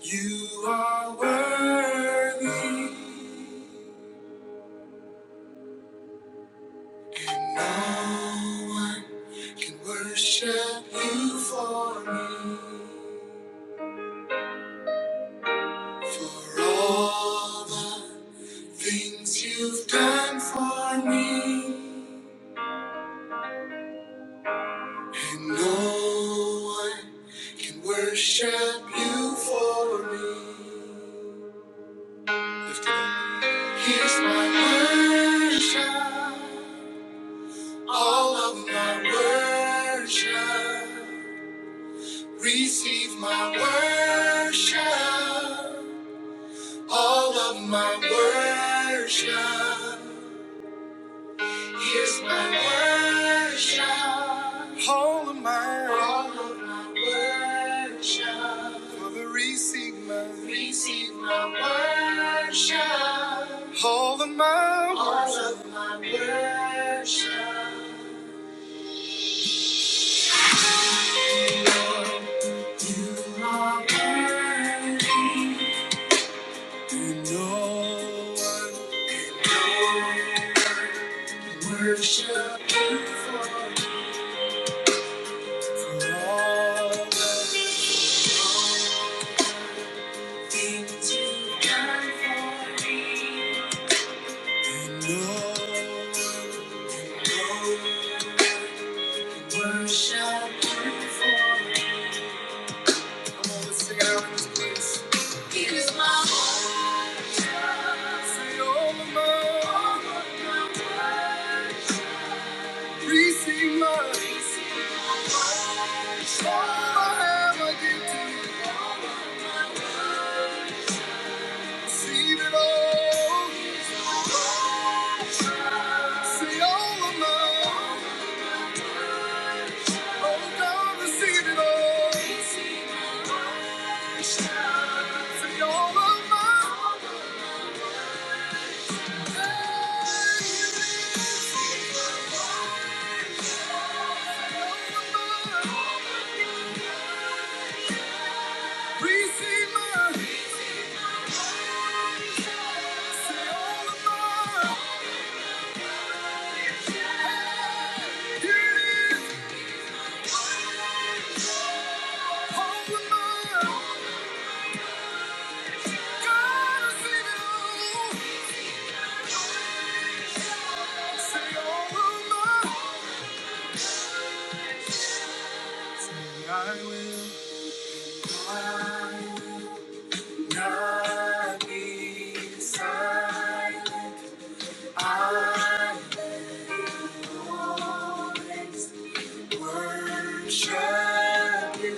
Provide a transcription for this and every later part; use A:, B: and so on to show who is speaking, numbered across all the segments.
A: You are worthy, and no one can worship you for me. For all the things you've done for me, and no one can worship you for me. Lift it up. Here's my worship, all of my worship. Receive my worship, all of my worship. Here's my worship, all of my, all of my worship. Father, receive my, receive my worship, all of my, all of my worship. You are worthy, you know. Worship Him for for all the things you've done for me. And oh, and oh, worship Him for. me. Come on, let's sing it out in this place. He is my all. Say all of mine. Receive mine. Receive all I have, I give to you. Receive it all. See all of alone. Oh, God, receive it all. See all of mine. Receive mine. See all of mine. Here it is. All of mine. God, receive it all. See all of mine. Say I will. I will. Not be silent. I always worship you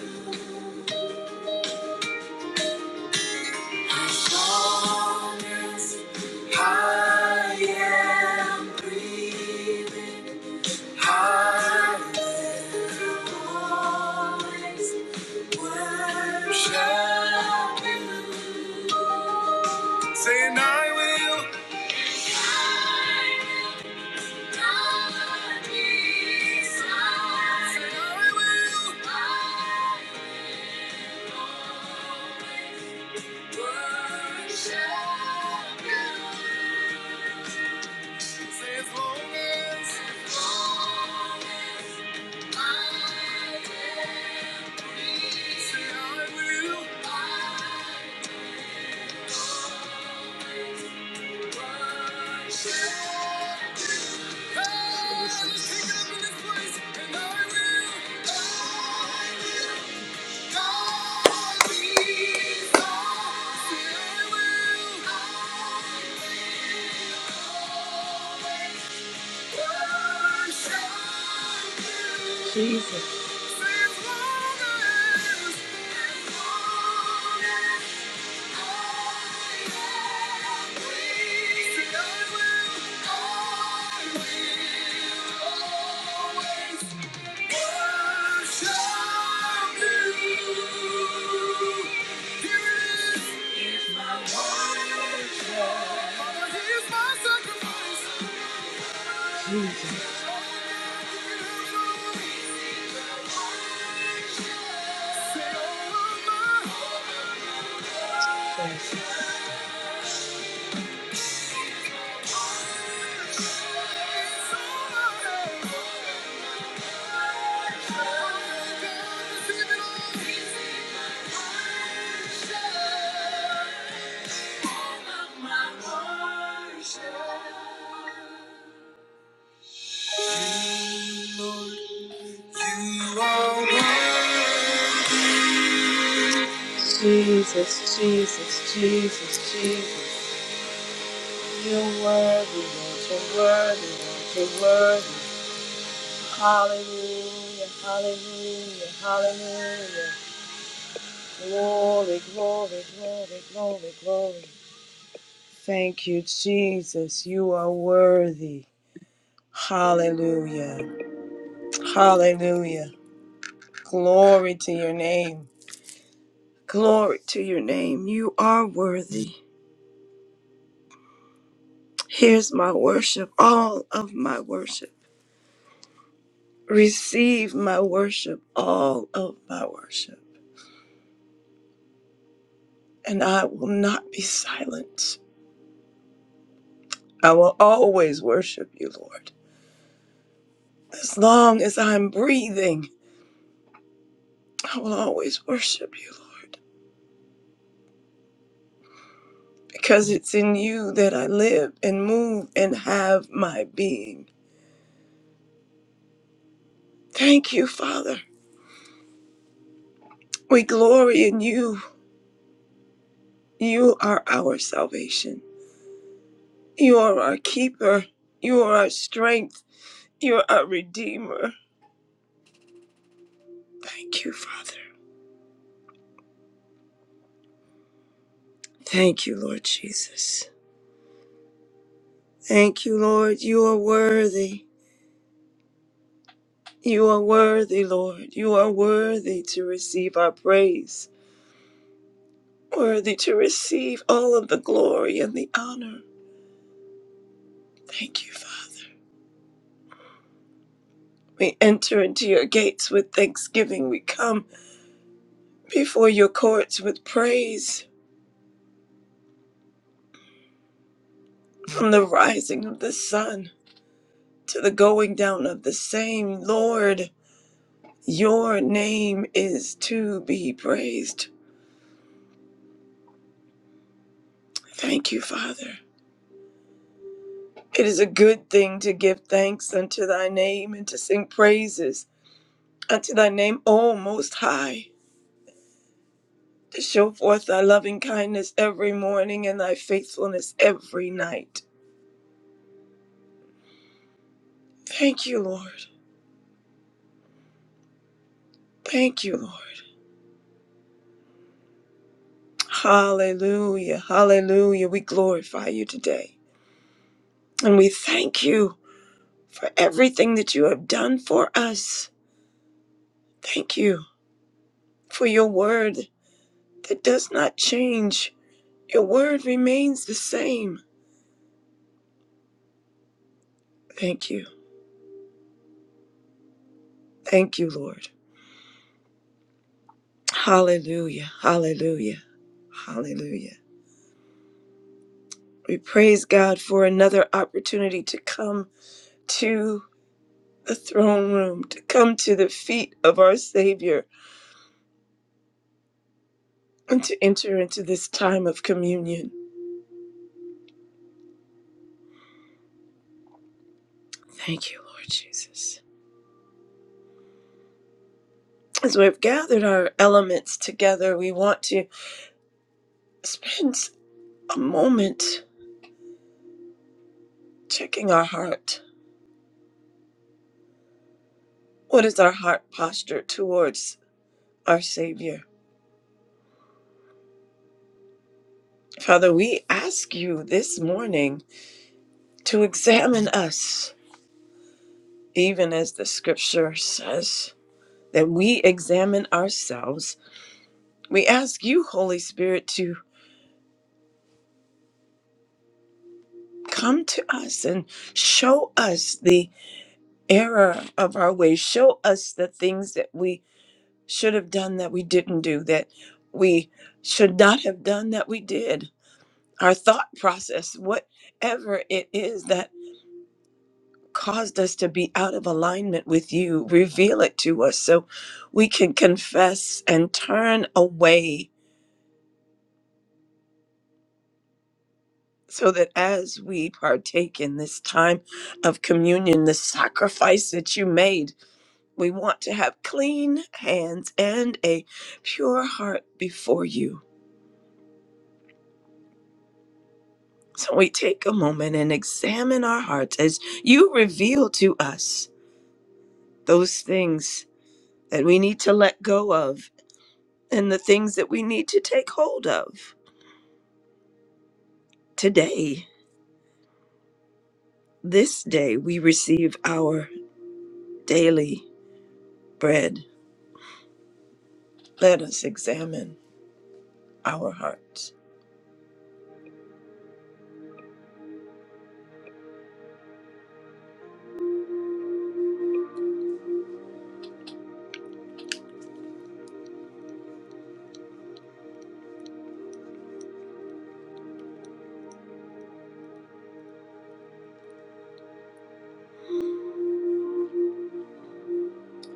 A: as long as I am breathing. I will always worship you. Saying I will. Take it up in this place, and I will Thank you. Thank you. Jesus. Jesus, Jesus, Jesus, Jesus, you're worthy, Lord, you're worthy, Lord, you're worthy. Hallelujah, hallelujah, hallelujah. Glory, glory, glory, glory, glory. Thank you, Jesus, you are worthy. Hallelujah. Hallelujah. Glory to your name. Glory to your name. You are worthy. Here's my worship, all of my worship. Receive my worship, all of my worship. And I will not be silent. I will always worship you, Lord. As long as I'm breathing, I will always worship you, Lord. Because it's in you that I live and move and have my being. Thank you, Father. We glory in you. You are our salvation. You are our keeper. You are our strength. You are our redeemer. Thank you, Father. Thank you, Lord Jesus. Thank you, Lord. You are worthy. You are worthy, Lord. You are worthy to receive our praise, worthy to receive all of the glory and the honor. Thank you, Father. We enter into your gates with thanksgiving. We come before your courts with praise. From the rising of the sun to the going down of the same, Lord, your name is to be praised. Thank you, Father. It is a good thing to give thanks unto thy name and to sing praises unto thy name, O Most High, to show forth thy loving kindness every morning and thy faithfulness every night. Thank you, Lord. Thank you, Lord. Hallelujah. Hallelujah. We glorify you today. And we thank you. for everything that you have done for us. Thank you for your word that does not change. Your word remains the same. Thank you. Thank you, Lord. Hallelujah. Hallelujah. Hallelujah. We praise God for another opportunity to come to the throne room, to come to the feet of our Savior, and to enter into this time of communion. Thank you, Lord Jesus. As we've gathered our elements together, we want to Spend a moment checking our heart. What is our heart posture towards our Savior? Father, we ask you this morning to examine us, even as the scripture says that we examine ourselves. We ask you, Holy Spirit, to come to us and show us the error of our ways. Show us the things that we should have done that we didn't do, that we should not have done that we did our thought process, whatever it is that caused us to be out of alignment with you, reveal it to us so we can confess and turn away. So that as we partake in this time of communion, the sacrifice that you made, we want to have clean hands and a pure heart before you. So we take a moment and examine our hearts as you reveal to us those things that we need to let go of and the things that we need to take hold of. Today, this day, we receive our daily bread. Let us examine our hearts.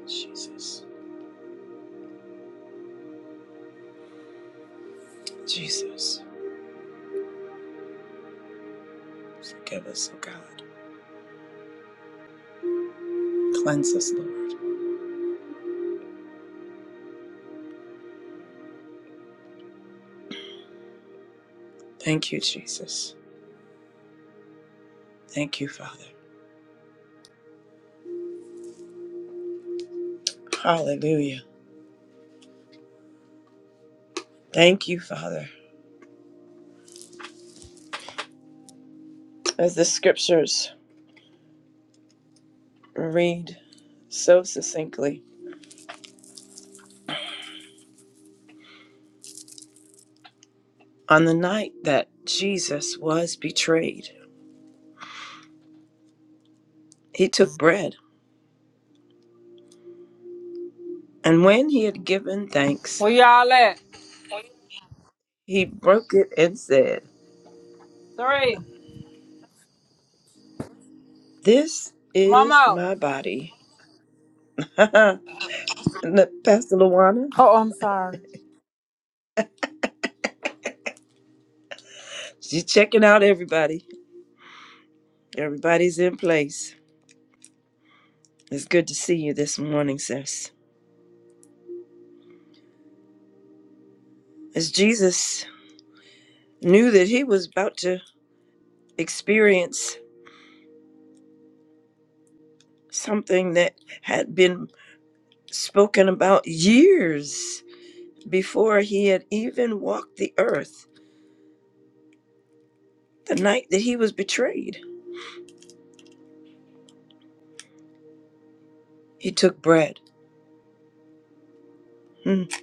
A: Jesus, Jesus, forgive us, O God. Cleanse us, Lord. Thank you, Jesus. Thank you, Father. Hallelujah. Thank you, Father. As the scriptures read so succinctly, on the night that Jesus was betrayed, He took bread, and when he had given thanks,
B: Where y'all at?
A: he broke it and said,
B: Three.
A: This is
B: Mama.
A: my body. and the- Pastor Luana,
B: Oh, I'm sorry.
A: she's checking out everybody. Everybody's in place. It's good to see you this morning, sis. As Jesus knew that he was about to experience something that had been spoken about years before he had even walked the earth, the night that he was betrayed, he took bread Mm.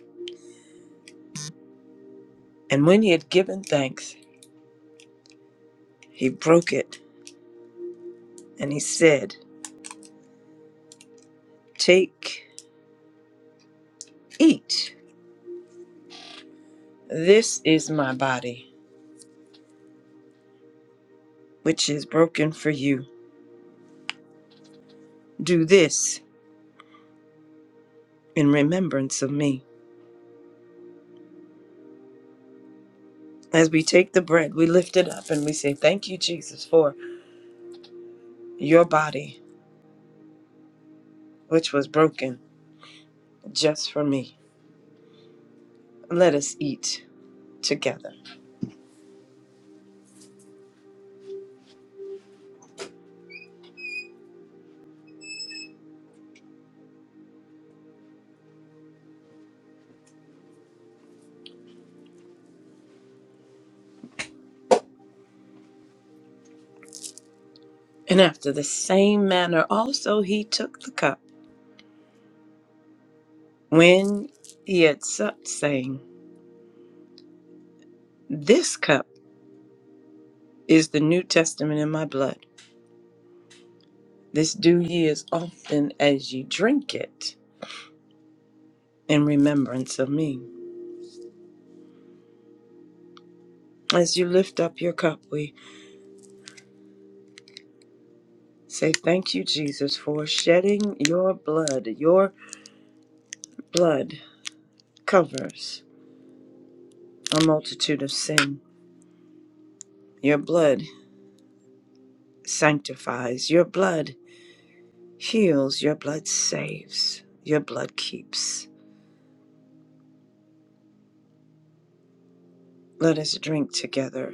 A: And when he had given thanks, he broke it and he said, Take, eat. This is my body, which is broken for you. Do this in remembrance of me. As we take the bread, we lift it up and we say, Thank you, Jesus, for your body, which was broken just for me. Let us eat together. And after the same manner, also he took the cup when he had supped, saying, This cup. is the New Testament in my blood. This do ye as often as ye drink it in remembrance of me. As you lift up your cup, we say, Thank you, Jesus, for shedding your blood. Your blood covers a multitude of sin. Your blood sanctifies. Your blood heals. Your blood saves. Your blood keeps. Let us drink together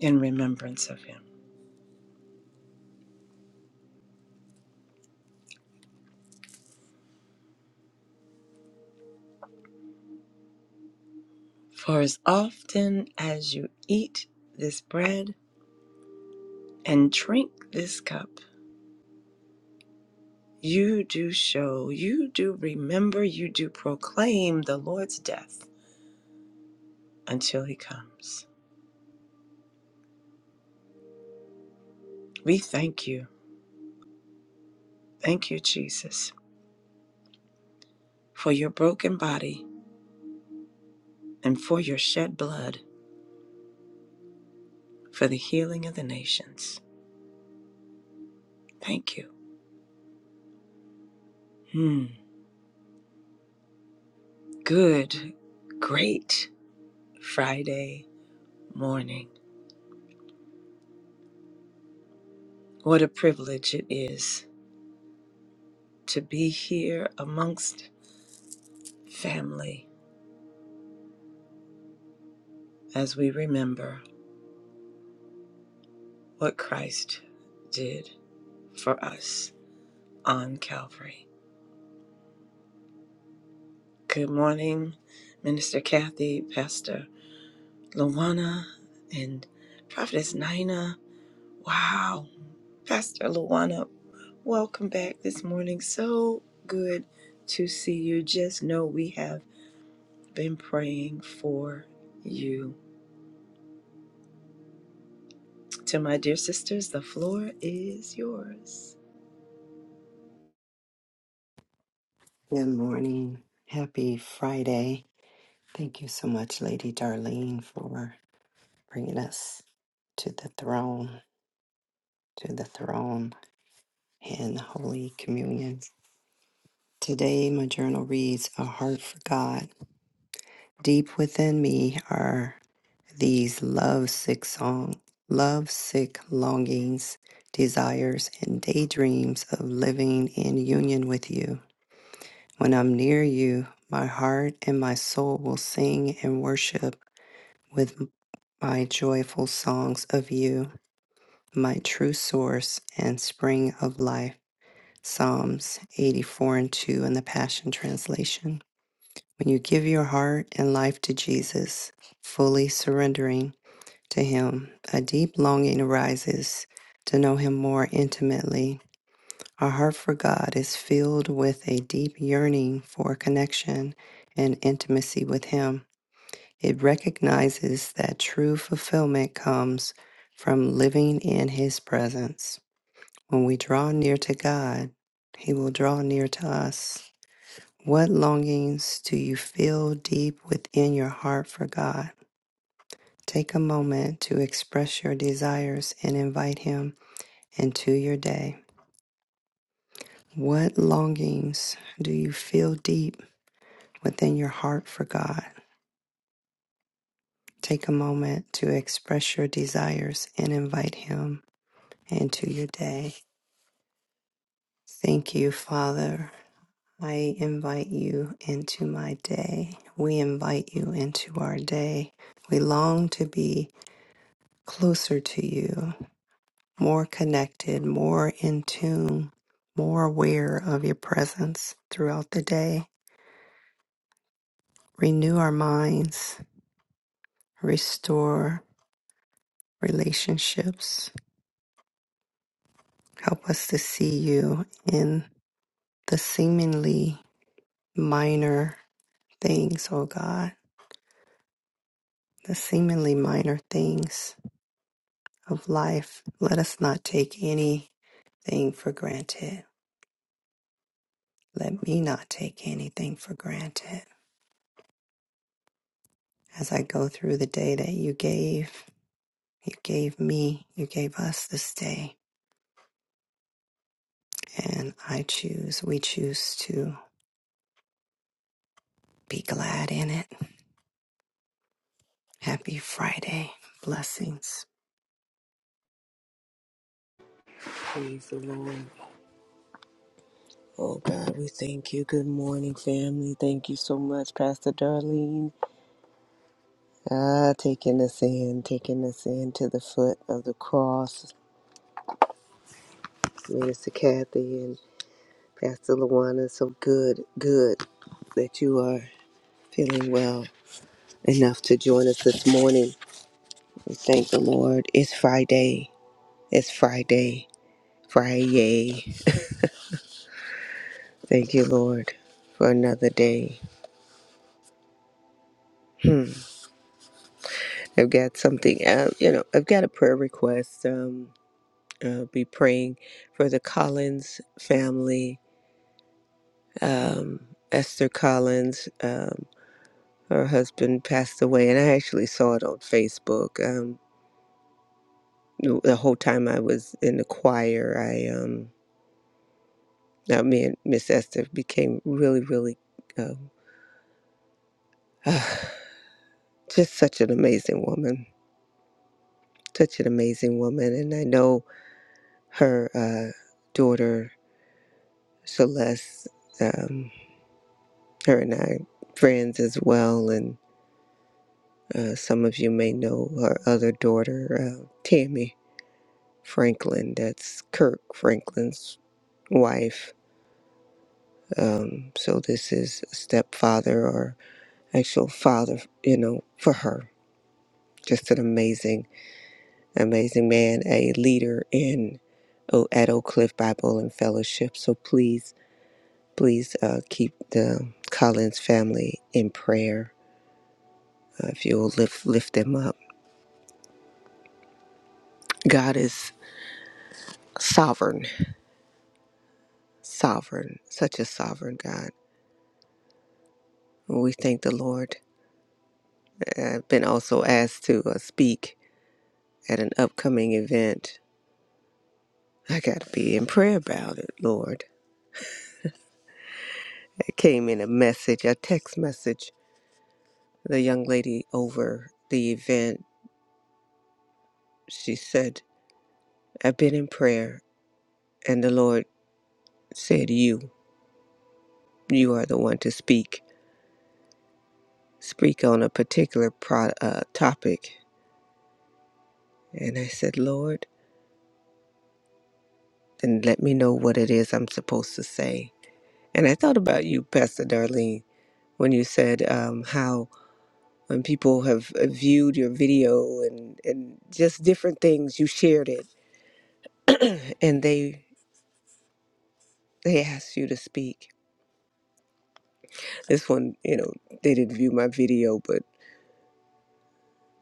A: in remembrance of him. For as often as you eat this bread and drink this cup, you do show, you do remember, you do proclaim the Lord's death until he comes. We thank you. Thank you, Jesus, for your broken body and for your shed blood for the healing of the nations. Thank you. Hmm. Good, great Friday morning. What a privilege it is to be here amongst family as we remember. what Christ did for us on Calvary. Good morning, Minister Kathy, Pastor Luana, and Prophetess Nina. Wow, Pastor Luana, welcome back this morning. So good to see you. Just know we have been praying for you. To my dear sisters, the floor is yours.
C: Good morning. Happy Friday. Thank you so much, Lady Darlene, for bringing us to the throne, to the throne in Holy Communion. Today, my journal reads A Heart for God. Deep within me are these love sick song, love sick longings, desires, and daydreams of living in union with you. When I'm near you, my heart and my soul will sing and worship my joyful songs of you, my true source and spring of life. Psalms 84 and 2 in the Passion Translation. When you give your heart and life to Jesus, fully surrendering to Him, a deep longing arises to know Him more intimately. Our heart for God is filled with a deep yearning for connection and intimacy with Him. It recognizes that true fulfillment comes from living in His presence. When we draw near to God, He will draw near to us. What longings do you feel deep within your heart for God? Take a moment to express your desires and invite Him into your day. What longings do you feel deep within your heart for God? Take a moment to express your desires and invite Him into your day. Thank you, Father. I invite you into my day. We invite you into our day. We long to be closer to you, more connected, more in tune, more aware of your presence throughout the day. Renew our minds, restore relationships. Help us to see you in the seemingly minor things, oh God the seemingly minor things of life. Let us not take anything for granted. Let me not take anything for granted. As I go through the day that you gave, you gave me, you gave us this day, and I choose, we choose to be glad in it. Happy Friday. Blessings.
D: Praise the Lord. Oh God, we thank you. Good morning, family. Thank you so much, Pastor Darlene. Ah, taking us in, taking us in to the foot of the cross. Minister Kathy and Pastor Lawana, so good, good that you are feeling well enough to join us this morning. We thank the Lord. It's Friday. It's Friday. Friday. Thank you, Lord, for another day. Hmm. I've got something, uh, you know, I've got a prayer request. Um, uh, be praying for the Collins family. Um, Esther Collins, um, her husband passed away, and I actually saw it on Facebook. Um, the whole time I was in the choir, I, um, now me and Miss Esther became really, really, um just such an amazing woman, such an amazing woman, and I know her uh, daughter Celeste. Um, her and I friends as well, and uh, some of you may know her other daughter, uh, Tammy Franklin. That's Kirk Franklin's wife. Um, so this is a stepfather or actual father, you know, for her. Just an amazing, amazing man, a leader in O- at Oak Cliff Bible and Fellowship. So please, please uh, keep the Collins family in prayer. Uh, if you'll lift lift them up. God is sovereign, sovereign, such a sovereign God. We thank the Lord. I've been also asked to uh, speak at an upcoming event. I got to be in prayer about it, Lord. It came in a message, a text message. The young lady over the event, she said, I've been in prayer, and the Lord said, You, you are the one to speak. Speak on a particular pro- uh, topic. And I said, Lord, then let me know what it is I'm supposed to say And I thought about you, Pastor Darlene, when you said um, how when people have uh, viewed your video and, and just different things, you shared it and they they asked you to speak. This one, you know, they didn't view my video, but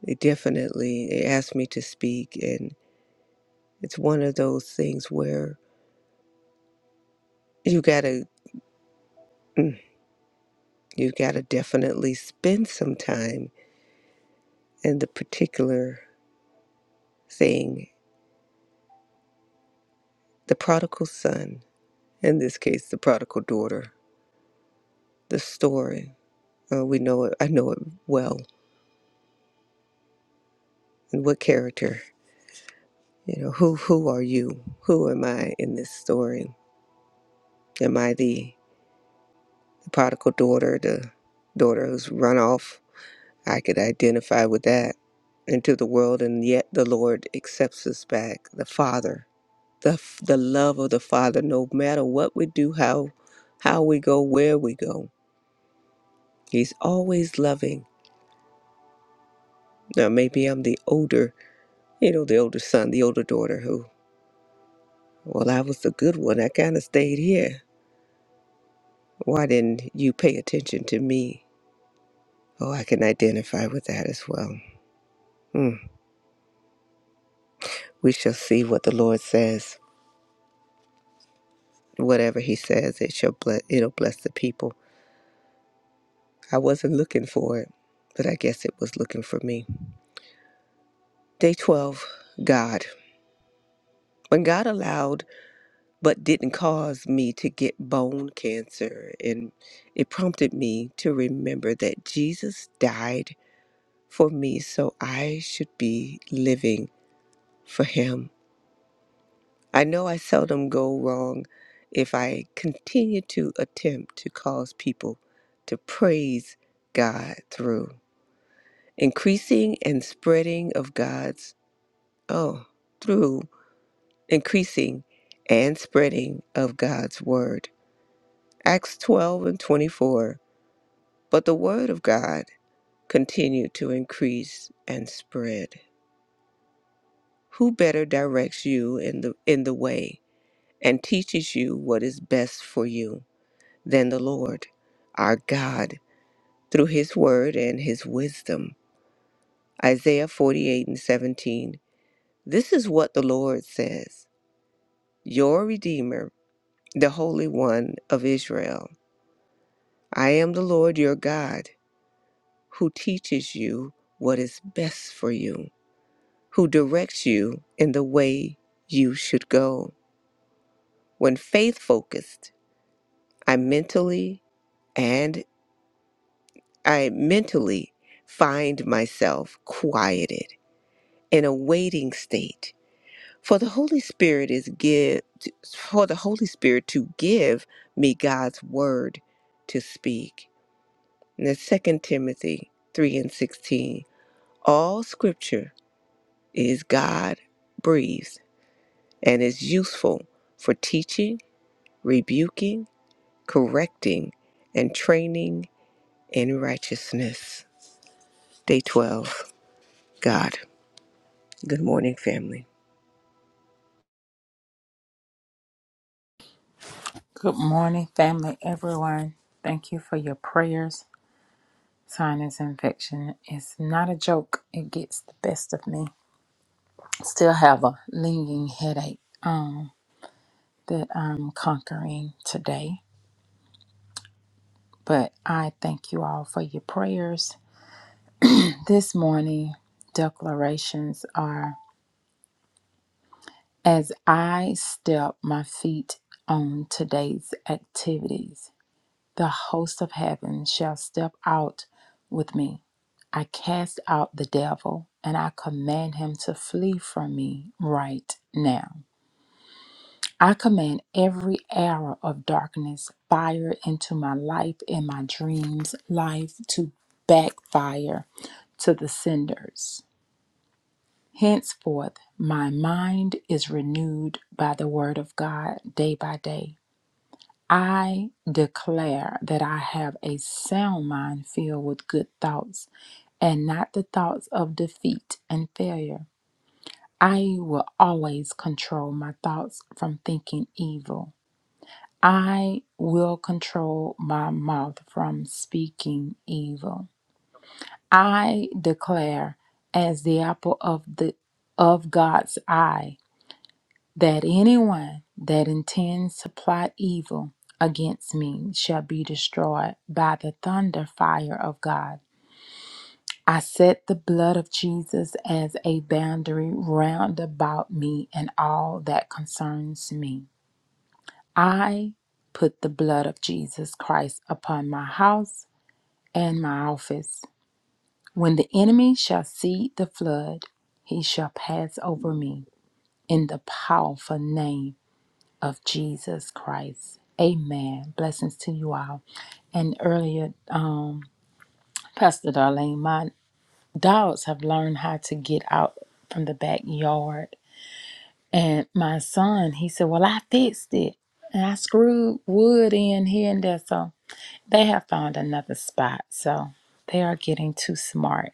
D: they definitely they asked me to speak and it's one of those things where you gotta mm, you gotta definitely spend some time in the particular thing, the prodigal son, in this case the prodigal daughter the story. Uh, we know it. I know it well. And what character? You know, who who are you? Who am I in this story? Am I the, the prodigal daughter, the daughter who's run off? I could identify with that into the world, and yet the Lord accepts us back. The Father, the f- the love of the Father. No matter what we do, how how we go, where we go, He's always loving. Now maybe I'm the older, you know, the older son, the older daughter who Well, I was the good one. I kind of stayed here. Why didn't you pay attention to me? Oh, I can identify with that as well. Hmm. We shall see what the Lord says. Whatever He says, it shall bless. It'll bless the people. I wasn't looking for it, but I guess it was looking for me. Day twelve. God. When God allowed but didn't cause me to get bone cancer, and it prompted me to remember that Jesus died for me, so I should be living. for him. I know I seldom go wrong if I continue to attempt to cause people to praise God through increasing and spreading of God's, oh, through increasing and spreading of God's word. Acts 12 and 24. But the word of God continued to increase and spread. Who better directs you in the in the way and teaches you what is best for you? than the Lord our God through his word and his wisdom. Isaiah 48 and 17. This is what the Lord says Your Redeemer, the Holy One of Israel. I am the Lord your God, who teaches you what is best for you, who directs you in the way you should go. When faith focused, I mentally and I mentally find myself quieted in a waiting state for the holy spirit is give for the holy spirit to give me god's word to speak and that's 2 timothy 3 and 16 all scripture is god breathed and is useful for teaching rebuking correcting and training in righteousness day 12 god good morning family
B: Good morning, family, everyone. Thank you for your prayers. Sinus infection is not a joke. It gets the best of me. Still have a lingering headache um, that I'm conquering today. But I thank you all for your prayers. This morning, declarations are as I step my feet on today's activities. the host of heaven shall step out with me. I cast out the devil and I command him to flee from me right now. I command every arrow of darkness fired into my life and my dreams, life to backfire to the cinders. Henceforth, my mind is renewed by the word of God day by day. I declare that I have a sound mind filled with good thoughts and not the thoughts of defeat and failure. I will always control my thoughts from thinking evil. I will control my mouth from speaking evil. I declare as the apple of the of God's eye that anyone that intends to plot evil against me shall be destroyed by the thunder fire of God. I set the blood of Jesus as a boundary round about me and all that concerns me. I put the blood of Jesus Christ upon my house and my office. When the enemy shall see the flood, he shall pass over me in the powerful name of Jesus Christ. Amen. Blessings to you all. And earlier, um, Pastor Darlene, my dogs have learned how to get out from the backyard. And my son, he said, Well, I fixed it. And I screwed wood in here and there. So they have found another spot. So they are getting too smart.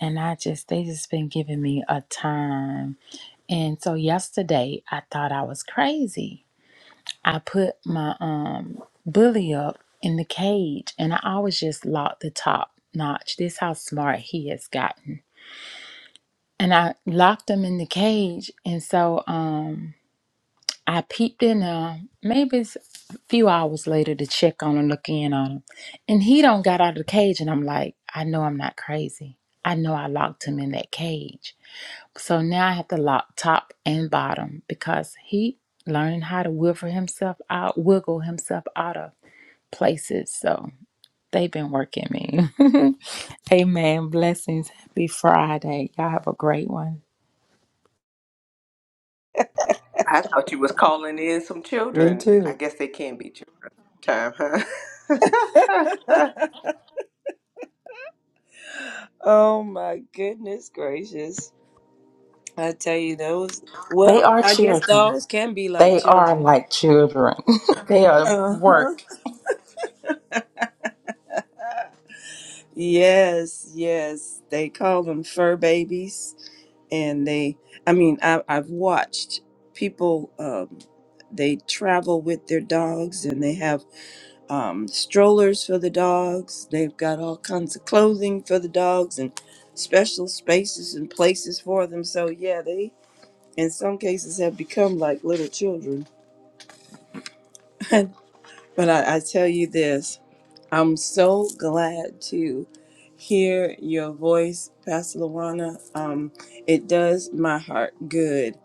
B: And I just, they just been giving me a time. And so yesterday, I thought I was crazy I put my um bully up in the cage and I always just locked the top notch. This how smart he has gotten. And I locked him in the cage and so um I peeped in uh maybe it's a few hours later to check on him, look in on him. And he don't got out of the cage and I'm like, I know I'm not crazy. I know I locked him in that cage. So now I have to lock top and bottom because he learning how to wiggle himself out, wiggle himself out of places. So they've been working me. Amen. Blessings. Happy Friday. Y'all have a great one.
D: I thought you was calling in some
C: Me
D: children. I
C: too.
D: guess they can be time, huh?
A: Oh my goodness gracious. I tell you those.
B: They
A: Well,
B: are
A: I guess
B: children.
A: dogs can be like
B: They are
A: children.
B: like children. they are
A: Uh huh.
B: work.
A: Yes, yes. They call them fur babies, and they. I mean, I, I've watched people. Um, they travel with their dogs, and they have um, strollers for the dogs. They've got all kinds of clothing for the dogs, and special spaces and places for them. So yeah, they in some cases have become like little children. but I, I tell you this. I'm so glad to hear your voice, Pastor Luana. Um, it does my heart good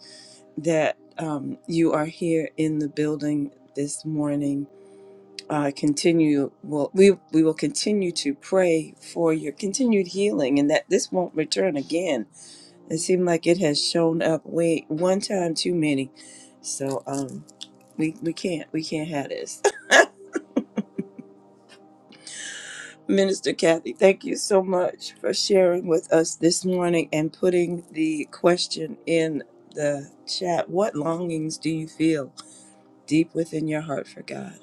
A: that um, you are here in the building this morning. Uh, continue. Well, we we will continue to pray for your continued healing, and that this won't return again. It seemed like it has shown up way one time too many, so um, we we can't we can't have this. Minister Kathy, thank you so much for sharing with us this morning and putting the question in the chat. What longings do you feel deep within your heart for God?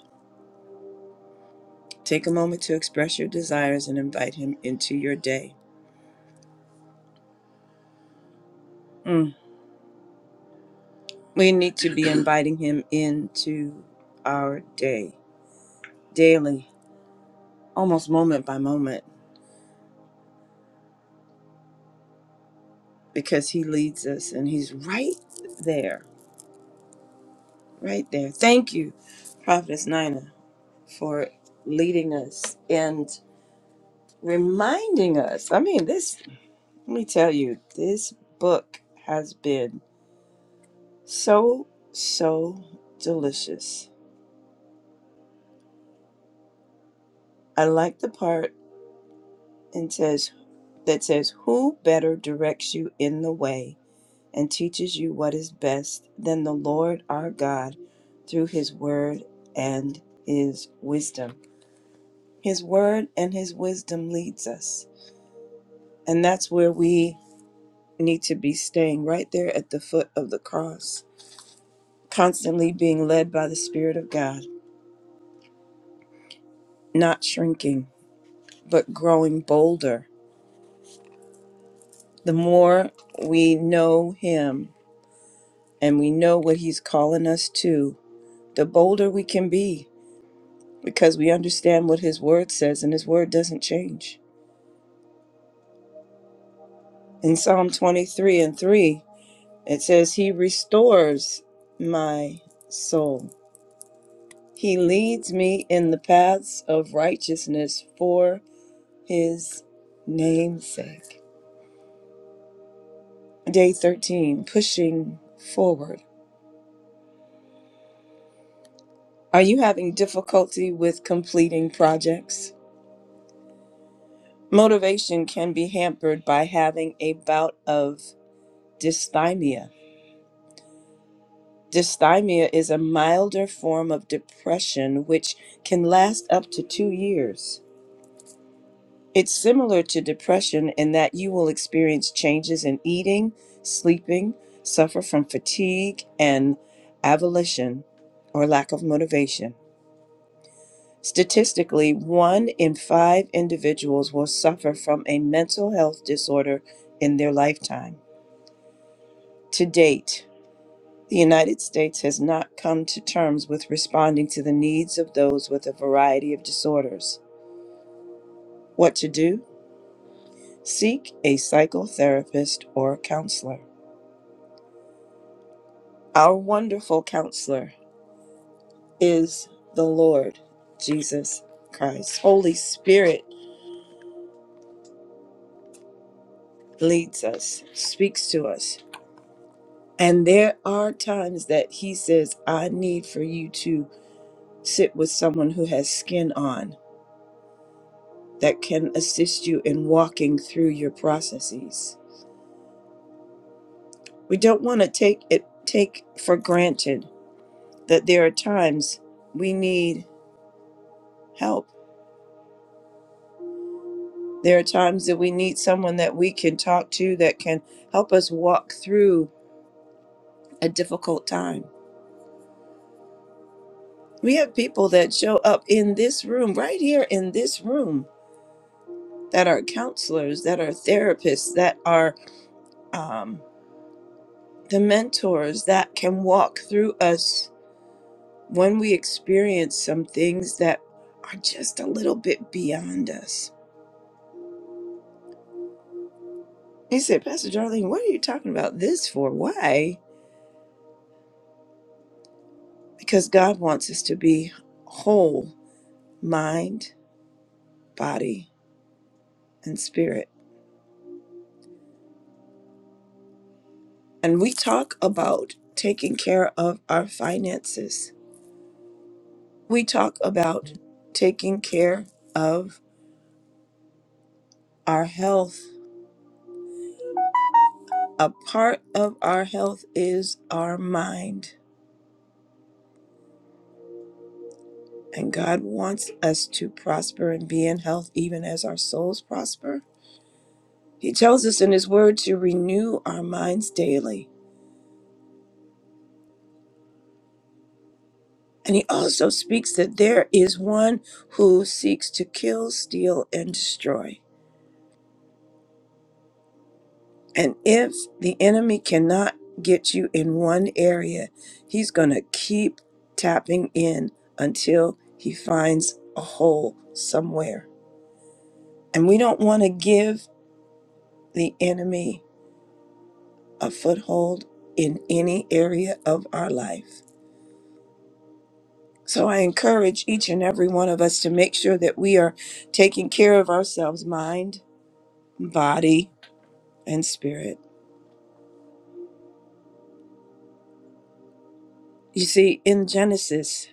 A: Take a moment to express your desires and invite Him into your day. Mm. We need to be inviting Him into our day daily, almost moment by moment, because He leads us and He's right there, right there. Thank you, Prophetess Nina for leading us and reminding us. I mean, this, let me tell you, this book has been so, so delicious. I like the part and says that says, Who better directs you in the way and teaches you what is best than the Lord our God through his word and his wisdom? His word and his wisdom leads us. And that's where we need to be staying right there at the foot of the cross, constantly being led by the Spirit of God, not shrinking, but growing bolder. The more we know Him and we know what He's calling us to, the bolder we can be because we understand what His Word says, and His Word doesn't change. In Psalm 23 and 3, it says, He restores my soul. He leads me in the paths of righteousness for his namesake. Day 13, pushing forward. Are you having difficulty with completing projects? Motivation can be hampered by having a bout of dysthymia. Dysthymia is a milder form of depression which can last up to two years. It's similar to depression in that you will experience changes in eating, sleeping, suffer from fatigue and avolition or lack of motivation. Statistically, one in five individuals will suffer from a mental health disorder in their lifetime. To date, the United States has not come to terms with responding to the needs of those with a variety of disorders. What to do? Seek a psychotherapist or counselor. Our wonderful counselor is the Lord Jesus Christ. Holy Spirit leads us, speaks to us. And there are times that he says, I need for you to sit with someone who has skin on that can assist you in walking through your processes. We don't want to take it take for granted that there are times we need help There are times that we need someone that we can talk to that can help us walk through a difficult time. We have people that show up in this room, right here in this room, that are counselors, that are therapists, that are um, the mentors that can walk through us when we experience some things that are just a little bit beyond us. He said, Pastor Darlene, what are you talking about this for? Why? Because God wants us to be whole mind, body, and spirit. And we talk about taking care of our finances. We talk about taking care of our health. A part of our health is our mind. And God wants us to prosper and be in health even as our souls prosper. He tells us in His Word to renew our minds daily. And He also speaks that there is one who seeks to kill, steal, and destroy. And if the enemy cannot get you in one area, he's going to keep tapping in until he finds a hole somewhere. And we don't want to give the enemy a foothold in any area of our life. So I encourage each and every one of us to make sure that we are taking care of ourselves mind, body, and spirit. You see, in Genesis,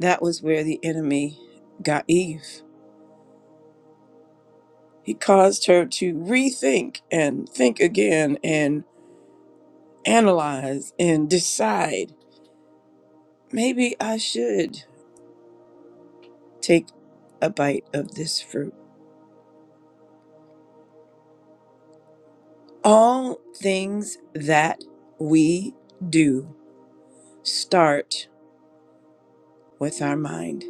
A: that was where the enemy got Eve He caused her to rethink and think again and analyze and decide maybe I should take a bite of this fruit. All things that we do start with our mind,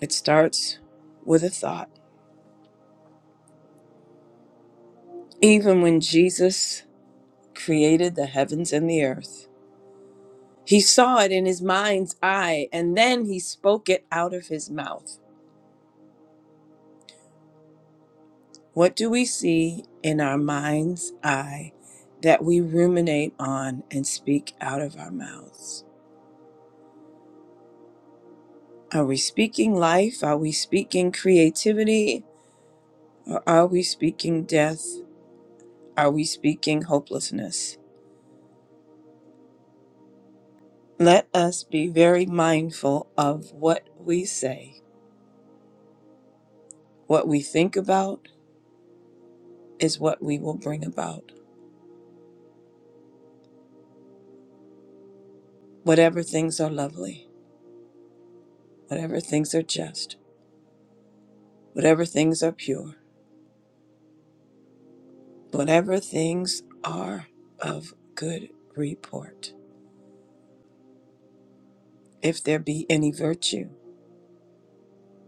A: it starts with a thought. Even when Jesus created the heavens and the earth, he saw it in his mind's eye and then he spoke it out of his mouth. What do we see in our mind's eye that we ruminate on and speak out of our mouths? Are we speaking life? Are we speaking creativity? Or are we speaking death? Are we speaking hopelessness? Let us be very mindful of what we say. What we think about is what we will bring about. Whatever things are lovely, whatever things are just, whatever things are pure whatever things are of good report, if there be any virtue,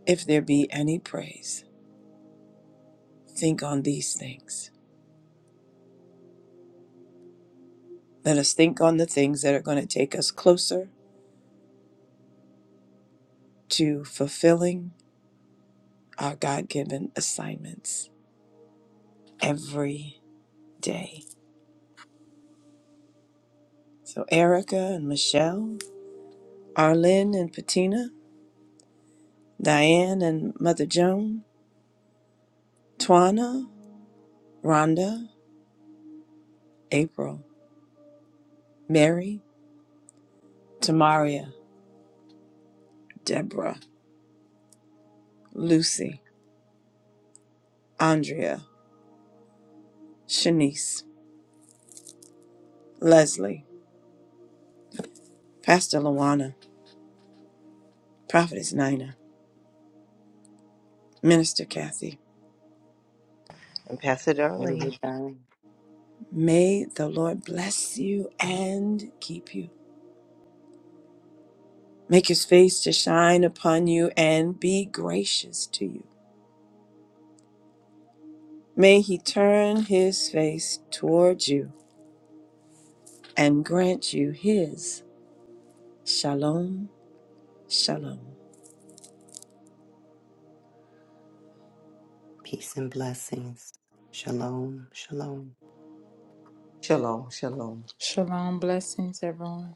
A: if there be any praise, think on these things. Let us think on the things that are going to take us closer to fulfilling our God given assignments every day. So, Erica and Michelle, Arlene and Patina, Diane and Mother Joan, Twana, Rhonda, April, Mary, Tamaria, Deborah. Lucy, Andrea, Shanice, Leslie, Pastor Luana, Prophetess Nina, Minister Kathy.
D: And Pastor
C: Have a good
D: Darlene.
C: time.
A: May the Lord bless you and keep you. Make his face to shine upon you and be gracious to you. May he turn his face towards you and grant you his shalom, shalom.
C: Peace and blessings. Shalom. Shalom.
D: Shalom, shalom.
B: Shalom. Blessings, everyone.